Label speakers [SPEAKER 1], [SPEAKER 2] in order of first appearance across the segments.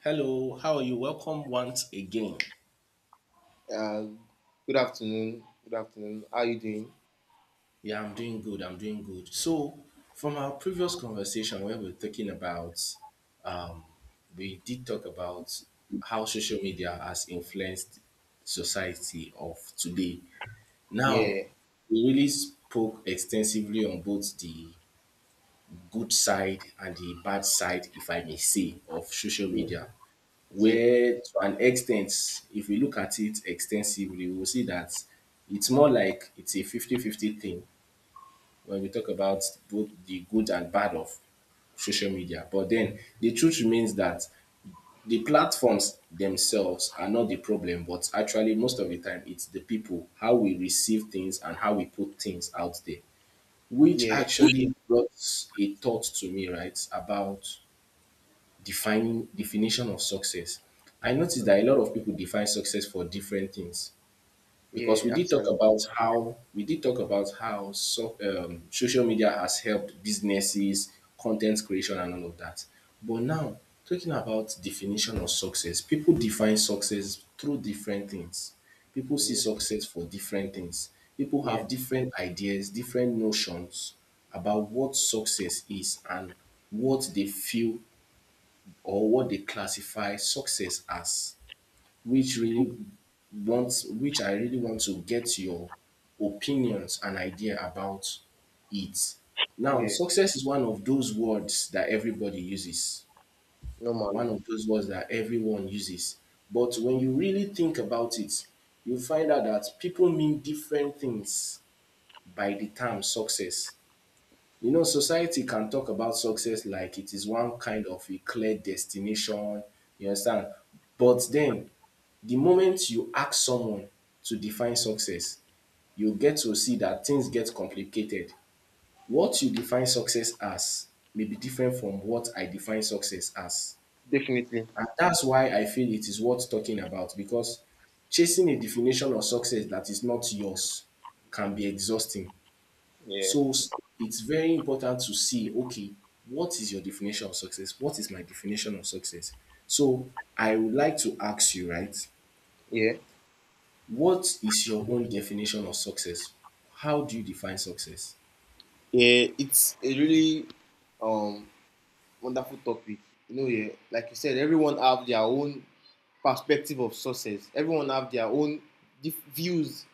[SPEAKER 1] Hello, how are you? Welcome once again.
[SPEAKER 2] Uh, Good afternoon. Good afternoon. How are you doing?
[SPEAKER 1] Yeah, I'm doing good. I'm doing good. So, from our previous conversation where we were talking about, um, we did talk about how social media has influenced society of today. Now,
[SPEAKER 2] Yeah,
[SPEAKER 1] we really spoke extensively on both the good side and the bad side, if I may say, of social
[SPEAKER 2] yeah,
[SPEAKER 1] media.
[SPEAKER 2] yeah,
[SPEAKER 1] Where to an extent, if we look at it extensively, we will see that it's more like it's a fifty-fifty thing when we talk about both the good and bad of social media. But then the truth remains that the platforms themselves are not the problem, but actually most of the time it's the people, how we receive things and how we put things out there. Which
[SPEAKER 2] yeah,
[SPEAKER 1] actually brought a thought to me, right, about defining definition of success. I noticed that a lot of people define success for different things
[SPEAKER 2] yeah.
[SPEAKER 1] because we did talk
[SPEAKER 2] Actually,
[SPEAKER 1] about how we did talk about how so, social media has helped businesses, content creation, and all of that. But now, talking about definition of success, people define success through different things. People see
[SPEAKER 2] yeah,
[SPEAKER 1] success for different things. People
[SPEAKER 2] yeah,
[SPEAKER 1] have different ideas, different notions about what success is and what they feel or what they classify success as, which which I really want to get your opinions and idea about it. Now,
[SPEAKER 2] yeah.
[SPEAKER 1] success is one of those words that everybody uses, one
[SPEAKER 2] Normally,
[SPEAKER 1] of those words that everyone uses. But when you really think about it, you find out that people mean different things by the term success. You know, society can talk about success like it is one kind of a clear destination, you understand? But then, the moment you ask someone to define success, you get to see that things get complicated. What you define success as may be different from what I define success as.
[SPEAKER 2] definitely.
[SPEAKER 1] And that's why I feel it is worth talking about because chasing a definition of success that is not yours can be exhausting.
[SPEAKER 2] Yeah,
[SPEAKER 1] So it's very important to see, okay, what is your definition of success? What is my definition of success? So I would like to ask you, right?
[SPEAKER 2] yeah,
[SPEAKER 1] What is your own definition of success? How do you define success?
[SPEAKER 2] yeah. It's a really um wonderful topic. You know, yeah. Like you said, everyone have their own perspective of success. Everyone have their own views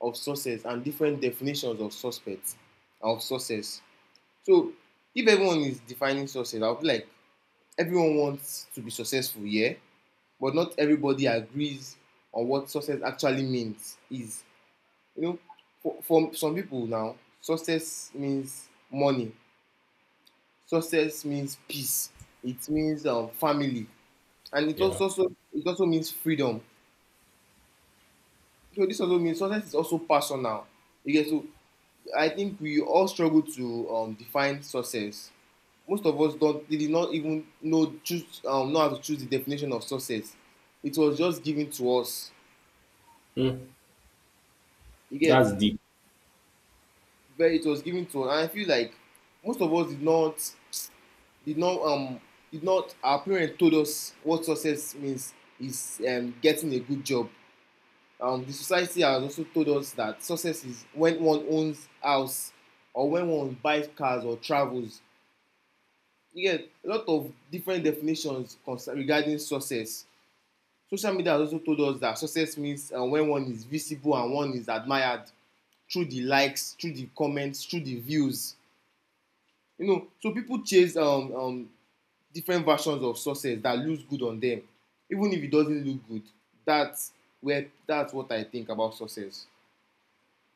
[SPEAKER 2] of success and different definitions of suspects of success. So if everyone is defining success, I'll be like everyone wants to be successful, yeah, but not everybody agrees on what success actually means. Is you know, for some people now, success means money. Success means peace. It means family, and it
[SPEAKER 1] Yeah.
[SPEAKER 2] also, also it also means freedom. So this also means success is also personal. You get so I think we all struggle to define success. Most of us don't did not even know choose know how to choose the definition of success. It was just given to us.
[SPEAKER 1] Hmm.
[SPEAKER 2] You get
[SPEAKER 1] That's deep.
[SPEAKER 2] very it was given to us, and I feel like most of us did not um did not our parents told us what success means is getting a good job. The society has also told us that success is when one owns house or when one buys cars or travels you get a lot of different definitions concern regarding success. Social media has also told us that success means when one is visible and one is admired through the likes, through the comments, through the views, you know. So people chase different versions of success that looks good on them, even if it doesn't look good. That's where that's what I think about success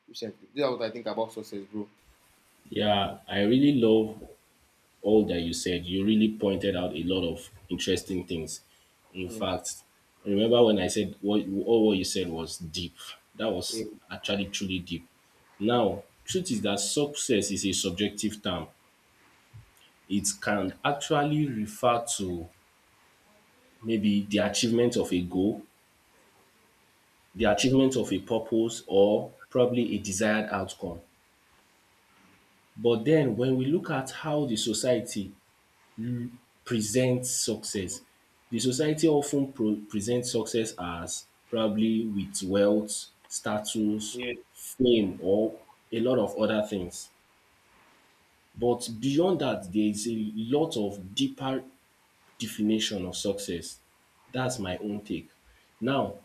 [SPEAKER 2] recently. That's what I think about success, bro.
[SPEAKER 1] Yeah, I really love all that you said. You really pointed out a lot of interesting things. In
[SPEAKER 2] Yeah,
[SPEAKER 1] fact, remember when I said what you said was deep. That was actually truly deep. Now, truth is that success is a subjective term. It can actually refer to maybe the achievement of a goal, the achievement of a purpose, or probably a desired outcome. But then when we look at how the society presents success. The society often pro presents success as probably with wealth, status,
[SPEAKER 2] yeah,
[SPEAKER 1] fame or a lot of other things. But beyond that there is a lot of deeper definition of success. That's my own take. Now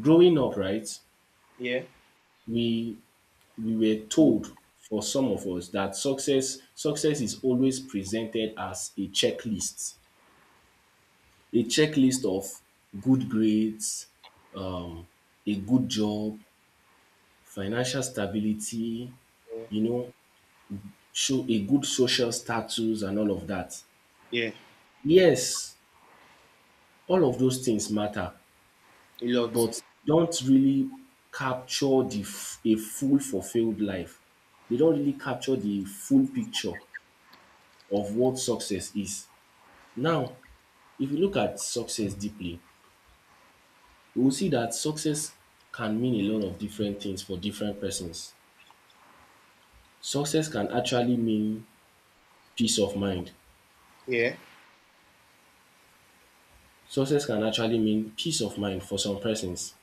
[SPEAKER 1] growing up right,
[SPEAKER 2] yeah,
[SPEAKER 1] we we were told for some of us that success is always presented as a checklist. A checklist of good grades, um, a good job, financial stability,
[SPEAKER 2] yeah,
[SPEAKER 1] you know, show a good social status and all of that.
[SPEAKER 2] yeah.
[SPEAKER 1] Yes, all of those things matter,
[SPEAKER 2] A lot.
[SPEAKER 1] but don't really capture the a full fulfilled life. They don't really capture the full picture of what success is. Now, if you look at success deeply, we will see that success can mean a lot of different things for different persons. Success can actually mean peace of mind.
[SPEAKER 2] Yeah.
[SPEAKER 1] Success can actually mean peace of mind for some persons.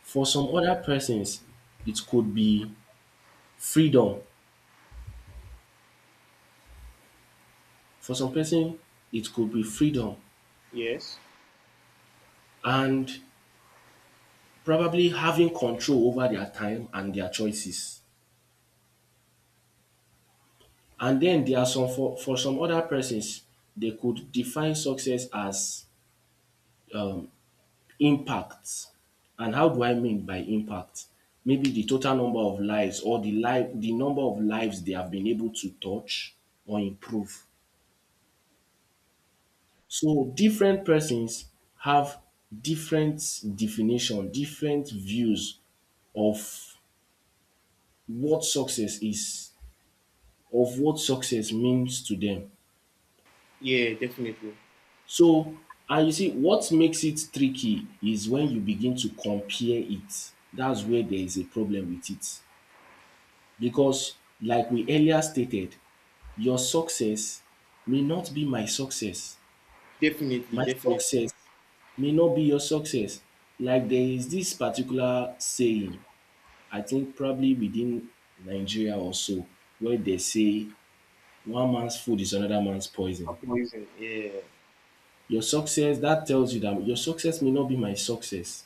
[SPEAKER 1] For some other persons, it could be freedom. For some person, it could be freedom
[SPEAKER 2] Yes.
[SPEAKER 1] and probably having control over their time and their choices. And then there are some for some other persons, they could define success as impact. And how do I mean by impact? Maybe the total number of lives or the number of lives they have been able to touch or improve. So different persons have different definition, different views of what success is, of what success means to them.
[SPEAKER 2] Yeah, definitely.
[SPEAKER 1] So and you see what makes it tricky is when you begin to compare it. That's where there is a problem with it. Because, like we earlier stated, your success may not be my success.
[SPEAKER 2] Definitely,
[SPEAKER 1] My
[SPEAKER 2] definitely.
[SPEAKER 1] success may not be your success. Like there is this particular saying, I think probably within Nigeria or so, where they say one man's food is another man's
[SPEAKER 2] And
[SPEAKER 1] poison.
[SPEAKER 2] poison. Yeah.
[SPEAKER 1] That tells you that your success may not be my success.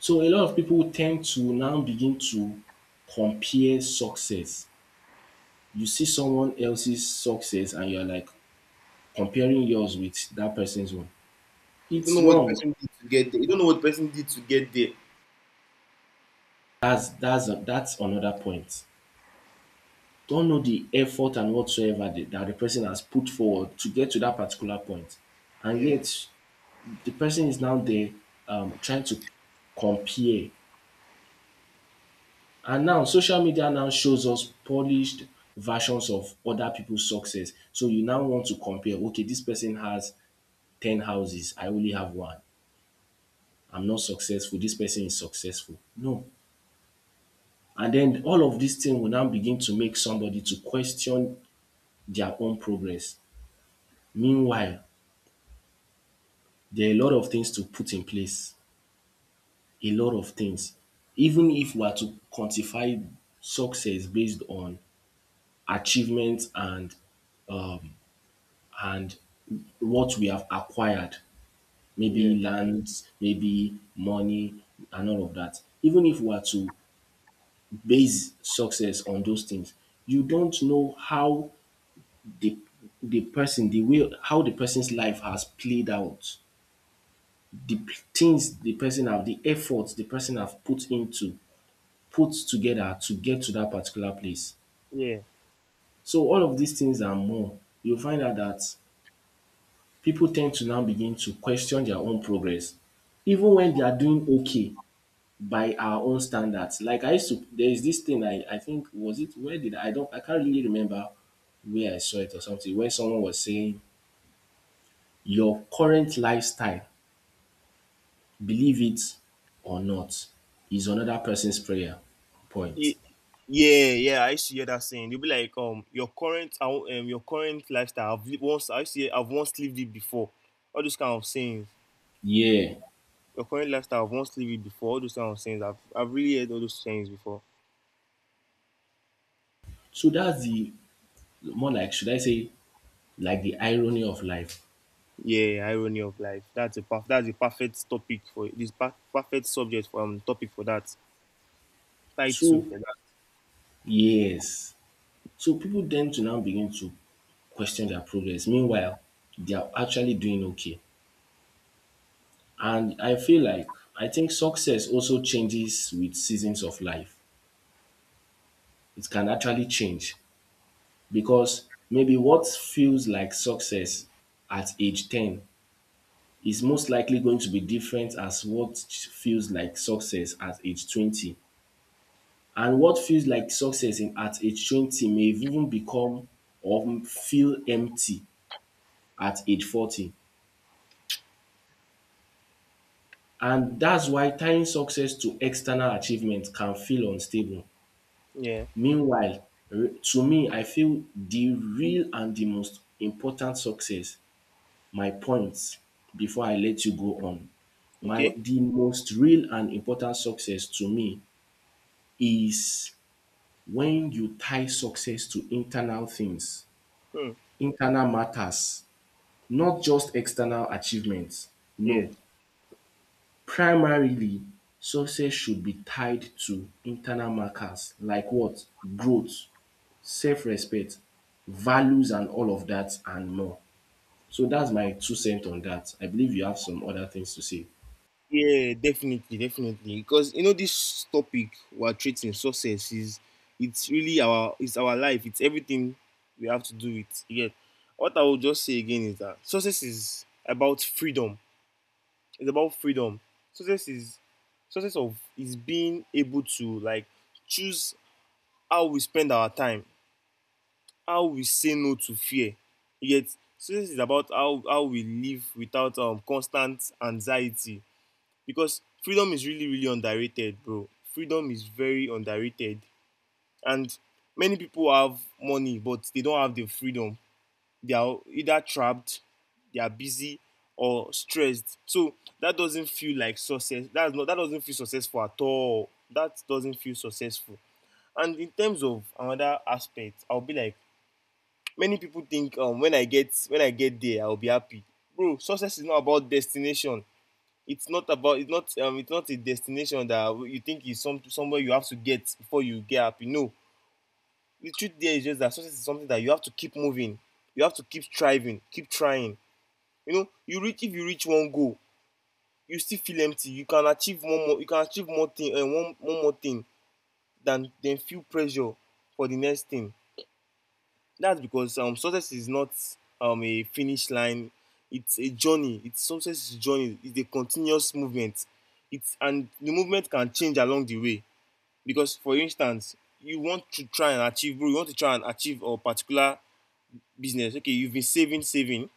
[SPEAKER 1] So a lot of people tend to now begin to compare success. You see someone else's success and you're like, comparing yours with that person's one,
[SPEAKER 2] You don't
[SPEAKER 1] it's
[SPEAKER 2] know what the
[SPEAKER 1] wrong.
[SPEAKER 2] person did to get there. You don't know what the person did to get there.
[SPEAKER 1] That's another point. Don't know the effort and whatsoever that the person has put forward to get to that particular point, and
[SPEAKER 2] Yeah.
[SPEAKER 1] yet the person is now there trying to compare. And now social media now shows us polished versions of other people's success. So you now want to compare. Okay, this person has 10 houses. I only have one. I'm not successful. This person is successful. No, and then all of these things will now begin to make somebody to question their own progress. Meanwhile, there are a lot of things to put in place, a lot of things. Even if we are to quantify success based on achievements and what we have acquired,
[SPEAKER 2] Yeah.
[SPEAKER 1] maybe lands, maybe money and all of that. Even if we are to base success on those things, you don't know how the the person the way how the person's life has played out, the things the person have, the efforts the person have put into, put together to get to that particular place.
[SPEAKER 2] Yeah.
[SPEAKER 1] So all of these things and more, you'll find out that people tend to now begin to question their own progress. Even when they are doing okay by our own standards. Like I used to there is this thing I think was it where did I don't I can't really remember where I saw it or something where someone was saying your current lifestyle, believe it or not, is another person's prayer point.
[SPEAKER 2] Ye- yeah, yeah, I used to hear that saying. They'll be like, your current, I won't- your current lifestyle. I've lived once. I used to hear, I've once lived it before. All those kind of sayings.
[SPEAKER 1] Yeah.
[SPEAKER 2] Your current lifestyle. I've once lived it before. All those kind of sayings. I've really heard all those sayings before.
[SPEAKER 1] So that's the more like should I say like the irony of life.
[SPEAKER 2] Yeah, irony of life. That's a perfect topic for perfect subject for topic for that. Title
[SPEAKER 1] So
[SPEAKER 2] for that.
[SPEAKER 1] yes. So people tend to now begin to question their progress. Meanwhile, they are actually doing okay. And I feel like I think success also changes with seasons of life. It can actually change because maybe what feels like success at age 10 is most likely going to be different as what feels like success at age 20. And what feels like success at age 20 may even become or feel empty at age 40. And that's why tying success to external achievement can feel unstable.
[SPEAKER 2] Yeah.
[SPEAKER 1] Meanwhile, to me, I feel the real and the most important success, my points before I let you go on, my
[SPEAKER 2] Okay.
[SPEAKER 1] the most real and important success to me is when you tie success to internal things,
[SPEAKER 2] Hmm.
[SPEAKER 1] internal matters, not just external achievements.
[SPEAKER 2] Yeah.
[SPEAKER 1] No, primarily, success should be tied to internal markers like what? Growth, self respect, values, and all of that, and more. So that's my two cents on that. I believe you have some other things to say.
[SPEAKER 2] Yeah. Definitely. Definitely. Because you know this topic we're treating success is it's our life. It's everything we have to do with. Yeah. What I will just say again is that success is about freedom. It's about freedom. Success is success of is being able to like choose how we spend our time, how we say no to fear. Yet success is about how we live without constant anxiety, because freedom is really underrated, bro. Freedom is very underrated. And many people have money, but they don't have the freedom. They are either trapped, they are busy or stressed. So that doesn't feel like success. That doesn't feel successful at all. That doesn't feel successful. And in terms of another aspect, I'll be like many people think, when I get there, I'll be happy. Bro, success is not about destination. It's not about it's not um it's not a destination that you think is some somewhere you have to get before you get happy. No. The truth there is just that success is something that you have to keep moving. You have to keep striving, keep trying. You know, you reach if you reach one goal, you still feel empty. You can achieve one more. You can achieve more thing one one more thing than feel pressure for the next thing. That's because success is not a finish line. It's a journey. It's success is a journey. It's a continuous movement. It's and The movement can change along the way. Because for instance, you want to try and achieve, bro, you want to try and achieve a particular business. Okay, you've been saving.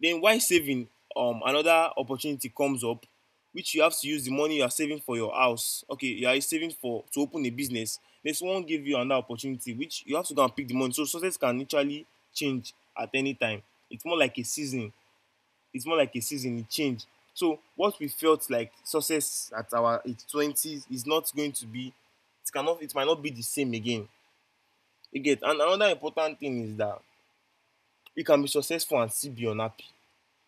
[SPEAKER 2] Then while saving, another opportunity comes up, which you have to use the money you are saving for your house. Okay, you are saving for to open a business, then someone give you another opportunity which you have to go and pick the money. So success can literally change at any time. It's more like a season. It change. So what we felt like success at our twenties is not going to be, it cannot, it might not be the same again. You get. And another important thing is that you can be successful and still be unhappy.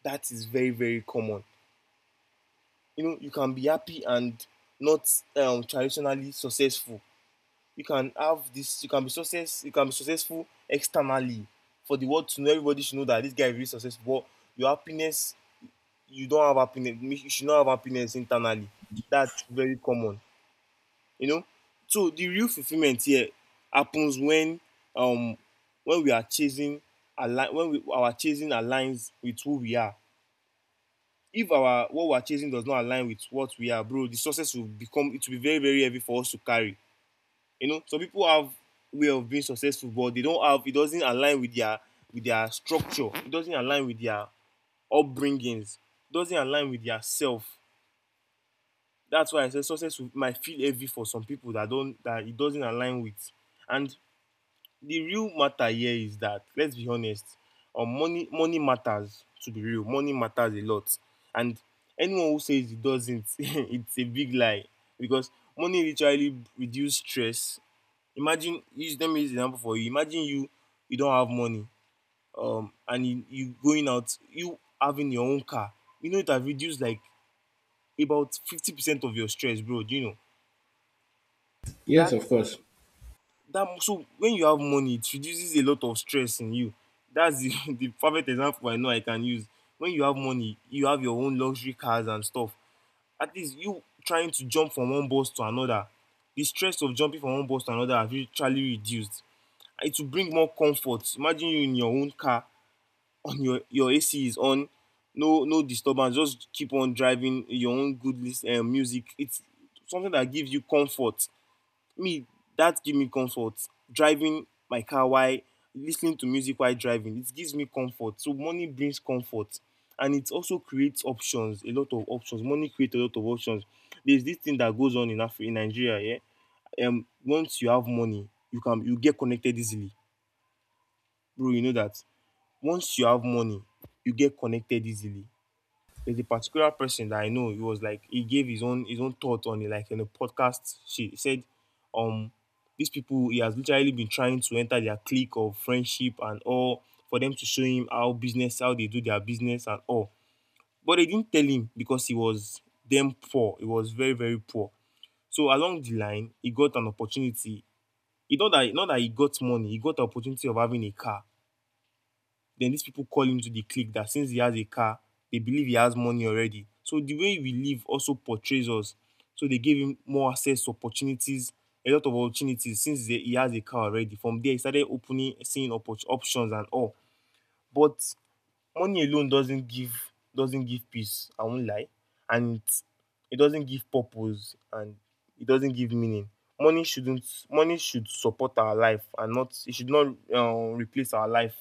[SPEAKER 2] That is very common. You know, you can be happy and not traditionally successful. You can be successful externally, for the world to know, everybody should know that this guy is really successful, but your happiness, you don't have happiness. You should not have happiness internally. That's very common, you know. So the real fulfillment here happens when um we are chasing align when we, our chasing aligns with who we are. If our what we are chasing does not align with what we are, bro, the success will become it will be very heavy for us to carry. You know, some people have way of being successful, but they don't have, it doesn't align with their structure. It doesn't align with their upbringings. It doesn't align with their self. That's why I say success will, might feel heavy for some people that don't, that it doesn't align with. And the real matter here is that let's be honest, money matters, to be real. Money matters a lot. And anyone who says it doesn't it's a big lie, because money literally reduce stress. Imagine use Let me use example for you. Imagine you, you don't have money, and you going out, you having your own car, you know it have reduced like about 50% of your stress, bro. Do you know
[SPEAKER 1] Yes,
[SPEAKER 2] that?
[SPEAKER 1] of course.
[SPEAKER 2] When you have money, it reduces a lot of stress in you. That's the the perfect example I know I can use. When you have money, you have your own luxury cars and stuff, at least you trying to jump from one bus to another. The stress of jumping from one bus to another have literally reduced. It will bring more comfort. Imagine you in your own car, on your AC is on, no no disturbance, just keep on driving your own good lis ten music. It's something that gives you comfort. Me, that give me comfort. Driving my car while listening to music while driving, it gives me comfort. So money brings comfort, and it also creates options, a lot of options. Money creates a lot of options. There's this thing that goes on in in Nigeria, yeah. Once you have money, you get connected easily. Bro, you know that. Once you have money, you get connected easily. There's a particular person that I know. He was like, he gave his own thought on it, like in a podcast. She said, um, these people he has literally been trying to enter their clique of friendship and all, for them to show him how they do their business and all. But they didn't tell him because he was damn poor. He was very poor. So along the line, he got an opportunity. He, not that he got money, he got the opportunity of having a car, then these people call him to the clique that since he has a car, they believe he has money already. So the way we live also portrays us. So they gave him more access to opportunities, a lot of opportunities, since he has a car already. From there, he started opening, seeing options and all. But money alone doesn't give peace. I won't lie, and it doesn't give purpose and it doesn't give meaning. Money shouldn't Money should support our life and not it should not replace our life.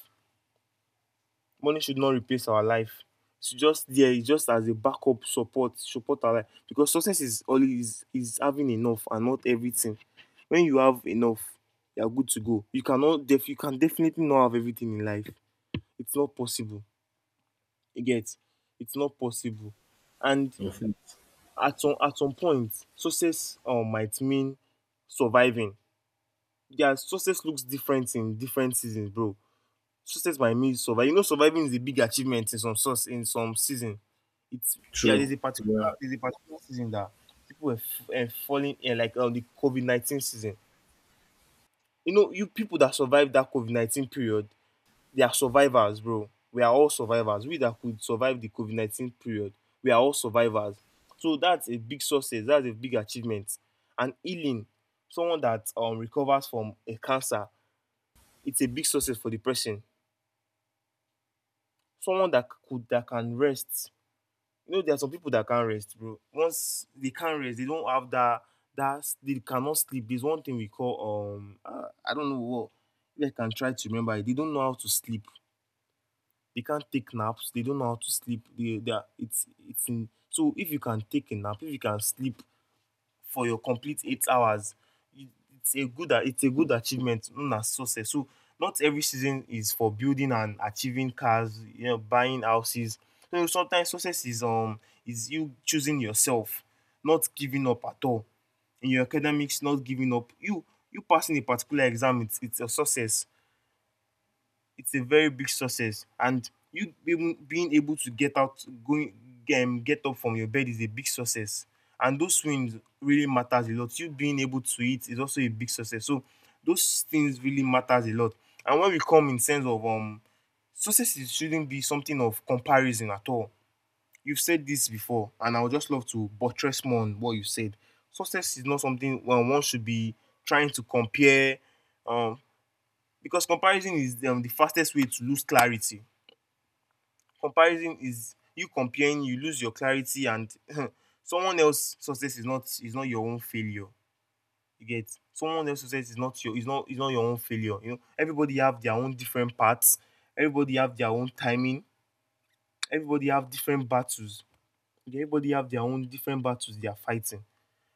[SPEAKER 2] Money should not replace our life. It's just there, it's just as a backup support, support our life. Because success is always is having enough and not everything. When you have enough, you are good to go. You can definitely not have everything in life. It's not possible. You get? It's not possible. And
[SPEAKER 1] In fact,
[SPEAKER 2] at some point, success might mean surviving. Yeah, success looks different in different seasons, bro. Success by me is survive. You know, surviving is a big achievement in some source in some season. It's there
[SPEAKER 1] true.
[SPEAKER 2] is a particular
[SPEAKER 1] Yeah.
[SPEAKER 2] there's a particular season that people were falling in like the COVID 19 season. You know, you people that survived that COVID 19 period, they are survivors, bro. We are all survivors. We that could survive the COVID 19 period, we are all survivors. So that's a big success. That's a big achievement. And healing, someone that recovers from a cancer, it's a big success for the person. Someone that could that can rest. You know, there are some people that can't rest, bro. Once they can't rest, they don't have that they cannot sleep. There's one thing we call I don't know what if I can try to remember it. They don't know how to sleep, they can't take naps, they don't know how to sleep, they are, it's in so if you can take a nap, if you can sleep for your complete 8 hours. It, it's a good achievement known as success. So not every season is for building and achieving cars, you know, buying houses. So sometimes success is you choosing yourself, not giving up at all. In your academics, not giving up. You passing a particular exam, it's a success, it's a very big success. And you being able to get out going get up from your bed is a big success, and those wins really matters a lot. You being able to eat is also a big success, so those things really matters a lot. And when we come in sense of success shouldn't be something of comparison at all. You've said this before, and I would just love to buttress more on what you said. Success is not something when one should be trying to compare, um because comparison is the fastest way to lose clarity. Comparison is you comparing you lose your clarity. And someone else success is not your own failure. You get, someone else success is not your own failure. You know, everybody have their own different paths, everybody have their own timing, everybody have different battles, everybody have their own different battles they are fighting.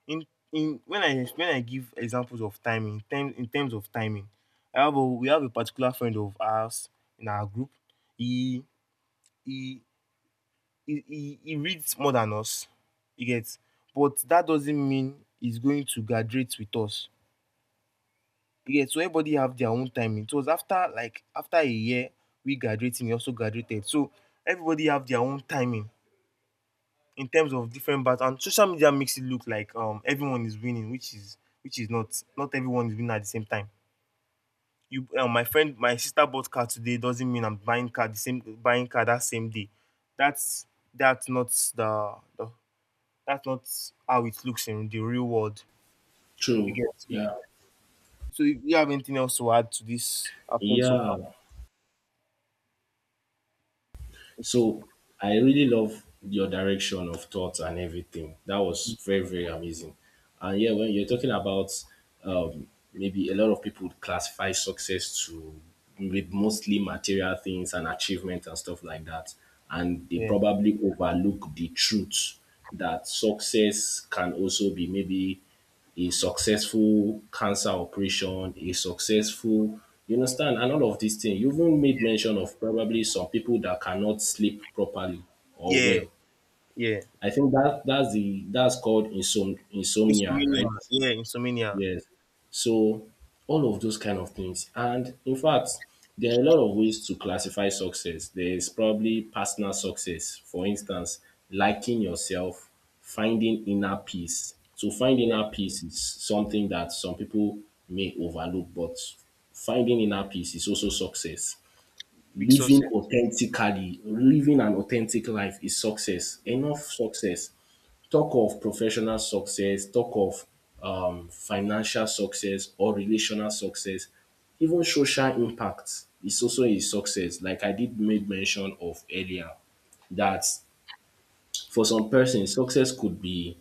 [SPEAKER 2] In in When I give examples of timing, time in terms of timing, I have a we have a particular friend of ours in our group. He he he reads more than us. He gets, but that doesn't mean he's going to graduate with us. You get, so everybody have their own timing. So it was after a year we graduated. He also graduated. So everybody have their own timing. In terms of different battles, and social media makes it look like everyone is winning, which is not. Not everyone is winning at the same time. You My friend my sister bought car today doesn't mean I'm buying car the same buying car that same day. that's that's not the, the That's not how it looks in the real world. You
[SPEAKER 1] True.
[SPEAKER 2] get, so,
[SPEAKER 1] Yeah.
[SPEAKER 2] so if you have anything else to add to this I've said so far.
[SPEAKER 1] Yeah.
[SPEAKER 2] Okay.
[SPEAKER 1] So I really love your direction of thought and everything. That was very, very amazing. And yeah, when you're talking about um, maybe a lot of people would classify success to with mostly material things and achievement and stuff like that. And they
[SPEAKER 2] Yeah.
[SPEAKER 1] probably overlook the truth that success can also be maybe a successful cancer operation, a successful, you understand, and all of these things. You even made mention of probably some people that cannot sleep properly or
[SPEAKER 2] Yeah.
[SPEAKER 1] well.
[SPEAKER 2] Yeah,
[SPEAKER 1] I think that that's called insomnia,
[SPEAKER 2] insomnia.
[SPEAKER 1] right?
[SPEAKER 2] Yeah, insomnia.
[SPEAKER 1] Yes. So all of those kind of things. And in fact, there are a lot of ways to classify success. There is probably personal success, for instance, liking yourself, finding inner peace. So finding
[SPEAKER 2] Yeah,
[SPEAKER 1] inner peace is something that some people may overlook, but finding inner peace is also success.
[SPEAKER 2] big
[SPEAKER 1] Living
[SPEAKER 2] success.
[SPEAKER 1] authentically, living an authentic life is success, enough success talk of professional success, talk of financial success or relational success, even social impact is also a success. Like I did made mention of earlier, that for some person, success could be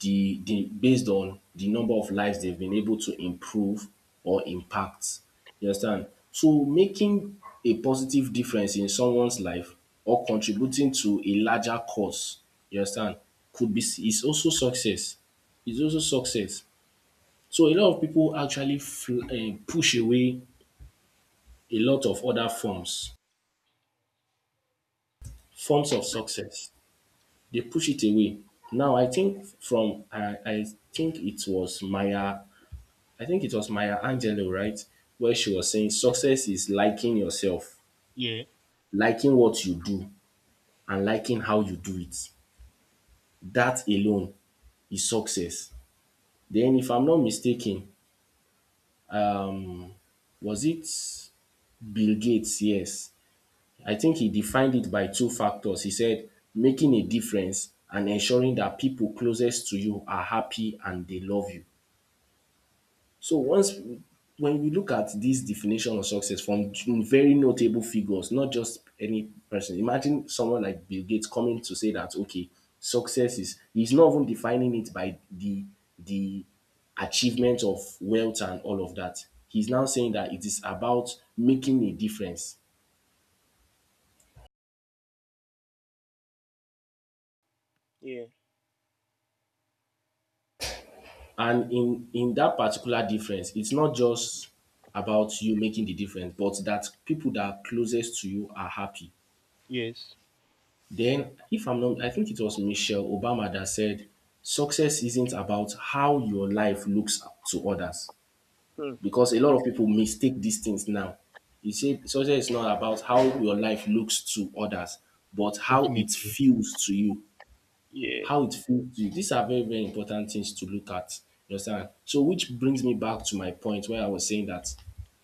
[SPEAKER 1] the based on the number of lives they've been able to improve or impact. You understand? So making a positive difference in someone's life or contributing to a larger cause, you understand, could be is also success. It's also success. So a lot of people actually push away a lot of other forms, forms of success. They push it away. Now I think from I think it was Maya Angelou, right? Where she was saying success is liking yourself,
[SPEAKER 2] Yeah.
[SPEAKER 1] liking what you do, and liking how you do it. That alone is success. Then, if I'm not mistaken, was it Bill Gates? Yes. I think he defined it by two factors. He said making a difference and ensuring that people closest to you are happy and they love you. So once when we look at this definition of success from very notable figures, not just any person, imagine someone like Bill Gates coming to say that okay, success is he's not even defining it by the achievement of wealth and all of that. He's now saying that it is about making a difference.
[SPEAKER 2] Yeah.
[SPEAKER 1] And in that particular difference, it's not just about you making the difference, but that people that are closest to you are happy.
[SPEAKER 2] Yes.
[SPEAKER 1] Then, if I'm not, I think it was Michelle Obama that said, success isn't about how your life looks to others.
[SPEAKER 2] Hmm.
[SPEAKER 1] Because a lot of people mistake these things now. You say success is not about how your life looks to others, but how it
[SPEAKER 2] Definitely.
[SPEAKER 1] feels to you.
[SPEAKER 2] Yeah.
[SPEAKER 1] How it feels to you. These are very, very important things to look at. You understand? So, which brings me back to my point where I was saying that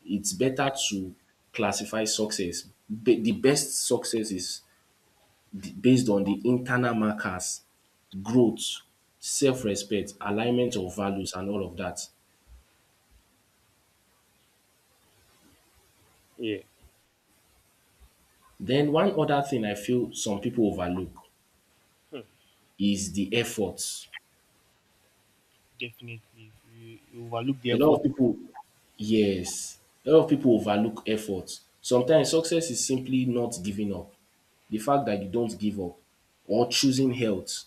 [SPEAKER 1] it's better to classify success. The best success is based on the internal markers, growth, self-respect, alignment of values and all of that.
[SPEAKER 2] Yeah.
[SPEAKER 1] Then one other thing I feel some people overlook
[SPEAKER 2] Hmm.
[SPEAKER 1] is the effort.
[SPEAKER 2] Definitely. You overlook the
[SPEAKER 1] A lot
[SPEAKER 2] effort.
[SPEAKER 1] of people, yes, a lot of people overlook effort. Sometimes success is simply not giving up. The fact that you don't give up or choosing health,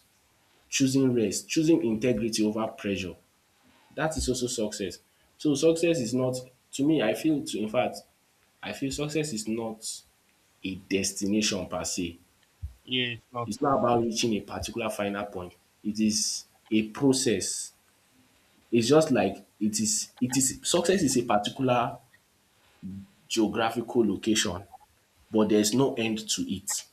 [SPEAKER 1] choosing rest, choosing integrity over pressure. That is also success. So success is not, to me I feel to in fact I feel success is not a destination per se.
[SPEAKER 2] Yeah, it's not.
[SPEAKER 1] It's not
[SPEAKER 2] It's
[SPEAKER 1] about
[SPEAKER 2] not.
[SPEAKER 1] reaching a particular final point. It is a process. It's just like it is success is a particular geographical location, but there's no end to it.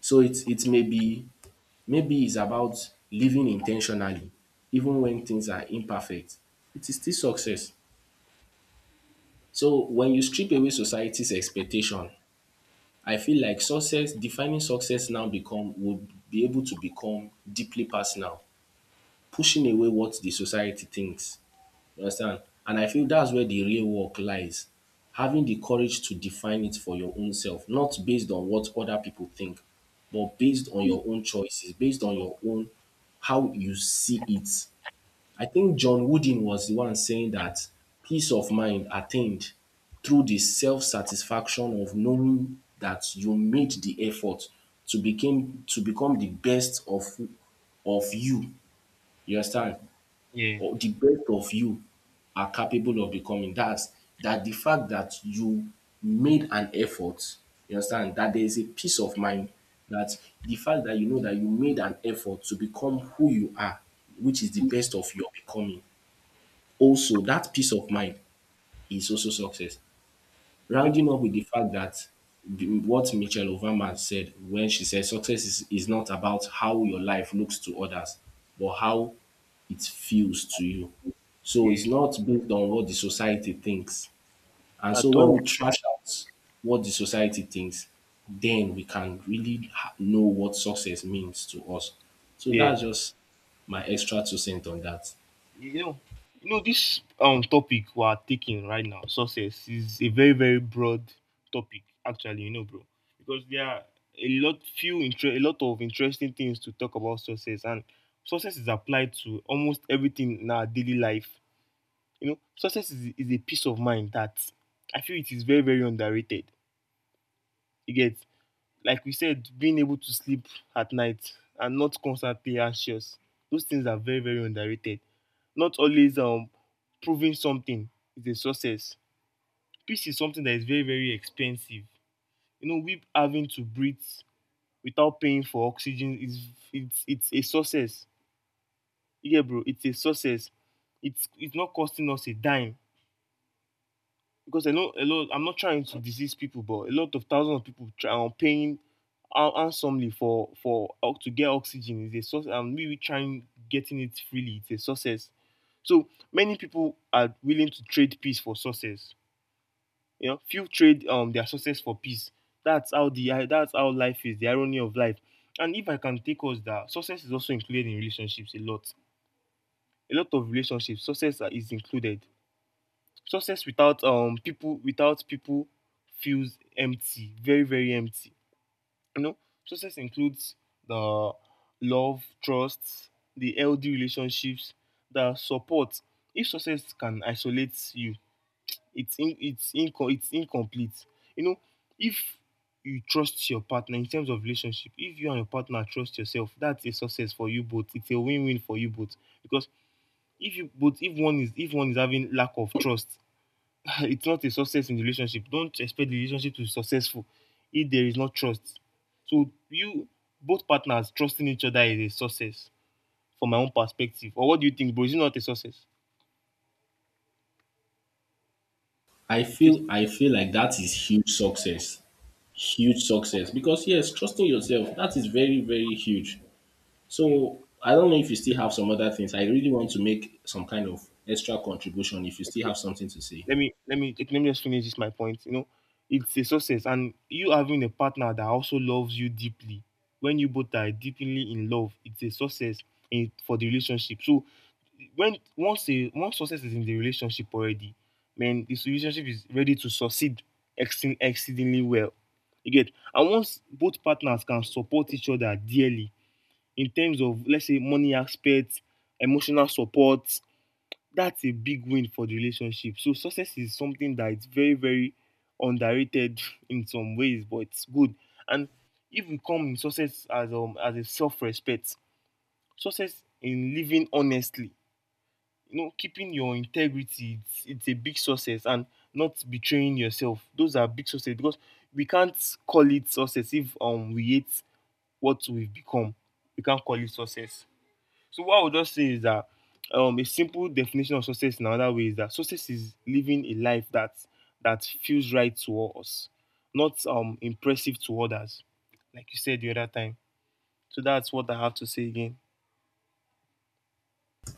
[SPEAKER 1] So it may be, maybe it's about living intentionally, even when things are imperfect. It is still success. So when you strip away society's expectation, I feel like success, defining success now become would be able to become deeply personal. Pushing away what the society thinks. You understand? And I feel that's where the real work lies. Having the courage to define it for your own self, not based on what other people think, but based on your own choices, based on your own how you see it. I think John Wooden was the one saying that peace of mind attained through the self satisfaction of knowing that you made the effort to become the best of you. You understand?
[SPEAKER 2] Yeah.
[SPEAKER 1] Or the best of you are capable of becoming. That's that the fact that you made an effort, you understand, that there is a peace of mind that the fact that you know that you made an effort to become who you are, which is the best of your becoming. Also, that peace of mind is also success, rounding
[SPEAKER 2] Definitely.
[SPEAKER 1] up with the fact that the, what Michelle Obama said when she said success is not about how your life looks to others, but how it feels to you. So it's
[SPEAKER 2] Yeah.
[SPEAKER 1] not based on what the society thinks. And so
[SPEAKER 2] At
[SPEAKER 1] when
[SPEAKER 2] all.
[SPEAKER 1] we trash out what the society thinks, then we can really know what success means to us. So
[SPEAKER 2] Yeah.
[SPEAKER 1] that's just my extra two cents on that.
[SPEAKER 2] You know. You know this topic we are taking right now, success is a very, very broad topic. Actually, you know, bro, because there are a lot of interesting things to talk about success, and success is applied to almost everything in our daily life. You know, success is a peace of mind that I feel it is very, very underrated. You get, like we said, being able to sleep at night and not constantly anxious. Those things are very, very underrated. Not always proving something is a success. Peace is something that is very, very expensive. You know, we having to breathe without paying for oxygen is it's it's a success. Yeah, bro, it's a success. It's not costing us a dime because a lot. I'm not trying to disease people, but a lot of thousands of people try are paying handsomely for to get oxygen is a source, and we trying getting it freely. It's a success. So many people are willing to trade peace for success. You know, few trade their success for peace. That's how life is. The irony of life. And if I can take us that success is also included in relationships a lot. A lot of relationships is included. Success without people without people feels empty, very, very empty. You know, success includes the love, trust, the healthy relationships, the support. If success can isolate you, it's incomplete. You know, if you trust your partner in terms of relationship, if you and your partner trust yourself, that's a success for you both. It's a win-win for you both because if you both if one is having lack of trust, it's not a success in the relationship. Don't expect the relationship to be successful if there is no trust. So you both partners trusting each other is a success from my own perspective. Or what do you think, bro? Is it not a success?
[SPEAKER 1] I
[SPEAKER 2] It is.
[SPEAKER 1] feel I feel like that is huge success, huge success, because yes, trusting yourself, that is very, very huge.
[SPEAKER 2] Yeah.
[SPEAKER 1] So I don't know if you still have some other things. I really want to make some kind of extra contribution if you still
[SPEAKER 2] Okay.
[SPEAKER 1] have something to say.
[SPEAKER 2] Let me just finish this my point. You know, it's a success, and you having a partner that also loves you deeply. When you both are deeply in love, it's a success for the relationship. So when once success is in the relationship already, man, this relationship is ready to succeed exceed, exceedingly well. You get, and once both partners can support each other dearly in terms of, let's say, money aspects, emotional support, that's a big win for the relationship. So success is something that is very, very underrated in some ways, but it's good. And even come success as a self-respect. Success in living honestly. You know, keeping your integrity, it's a big success, and not betraying yourself. Those are big success because we can't call it success if we hate what we've become. We can't call it success. So what I would just say is that a simple definition of success in another way is that success is living a life that feels right to us, not impressive to others, like you said the other time. So that's what I have to say again.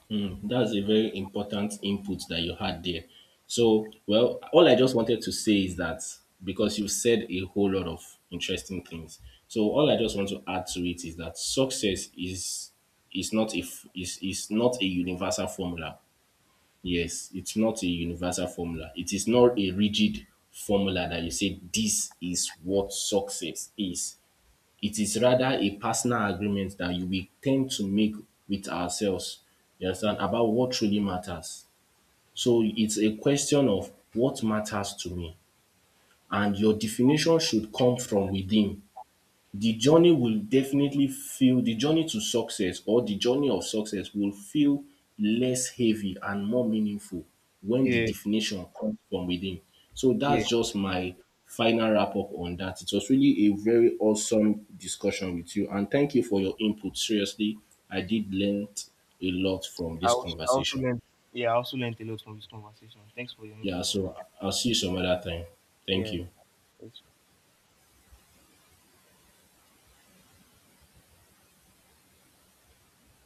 [SPEAKER 1] Hmm, that's a very important input that you had there. So well, all I just wanted to say is that, because you said a whole lot of interesting things, so all I just want to add to it is that success is not a universal formula. Yes, it's not a universal formula. It is not a rigid formula that you say this is what success is. It is rather a personal agreement that you will tend to make with ourselves, you understand,
[SPEAKER 2] Yeah.
[SPEAKER 1] about what truly matters. So it's a question of what matters to me. And your definition should come from within. The journey will definitely feel The journey to success, or the journey of success, will feel less heavy and more meaningful when the
[SPEAKER 2] Yeah,
[SPEAKER 1] definition comes from within. So
[SPEAKER 2] yeah.
[SPEAKER 1] that's just my final wrap up on that. It was really a very awesome discussion with you, and thank you for your input. Seriously, I
[SPEAKER 2] Thank you.
[SPEAKER 1] did learn a lot from this
[SPEAKER 2] I also
[SPEAKER 1] conversation.
[SPEAKER 2] learned. Yeah, I also learned a lot from this conversation. Thanks for your
[SPEAKER 1] Yeah,
[SPEAKER 2] input.
[SPEAKER 1] so I'll see you some other time. Thank
[SPEAKER 2] Yeah,
[SPEAKER 1] you.
[SPEAKER 2] it's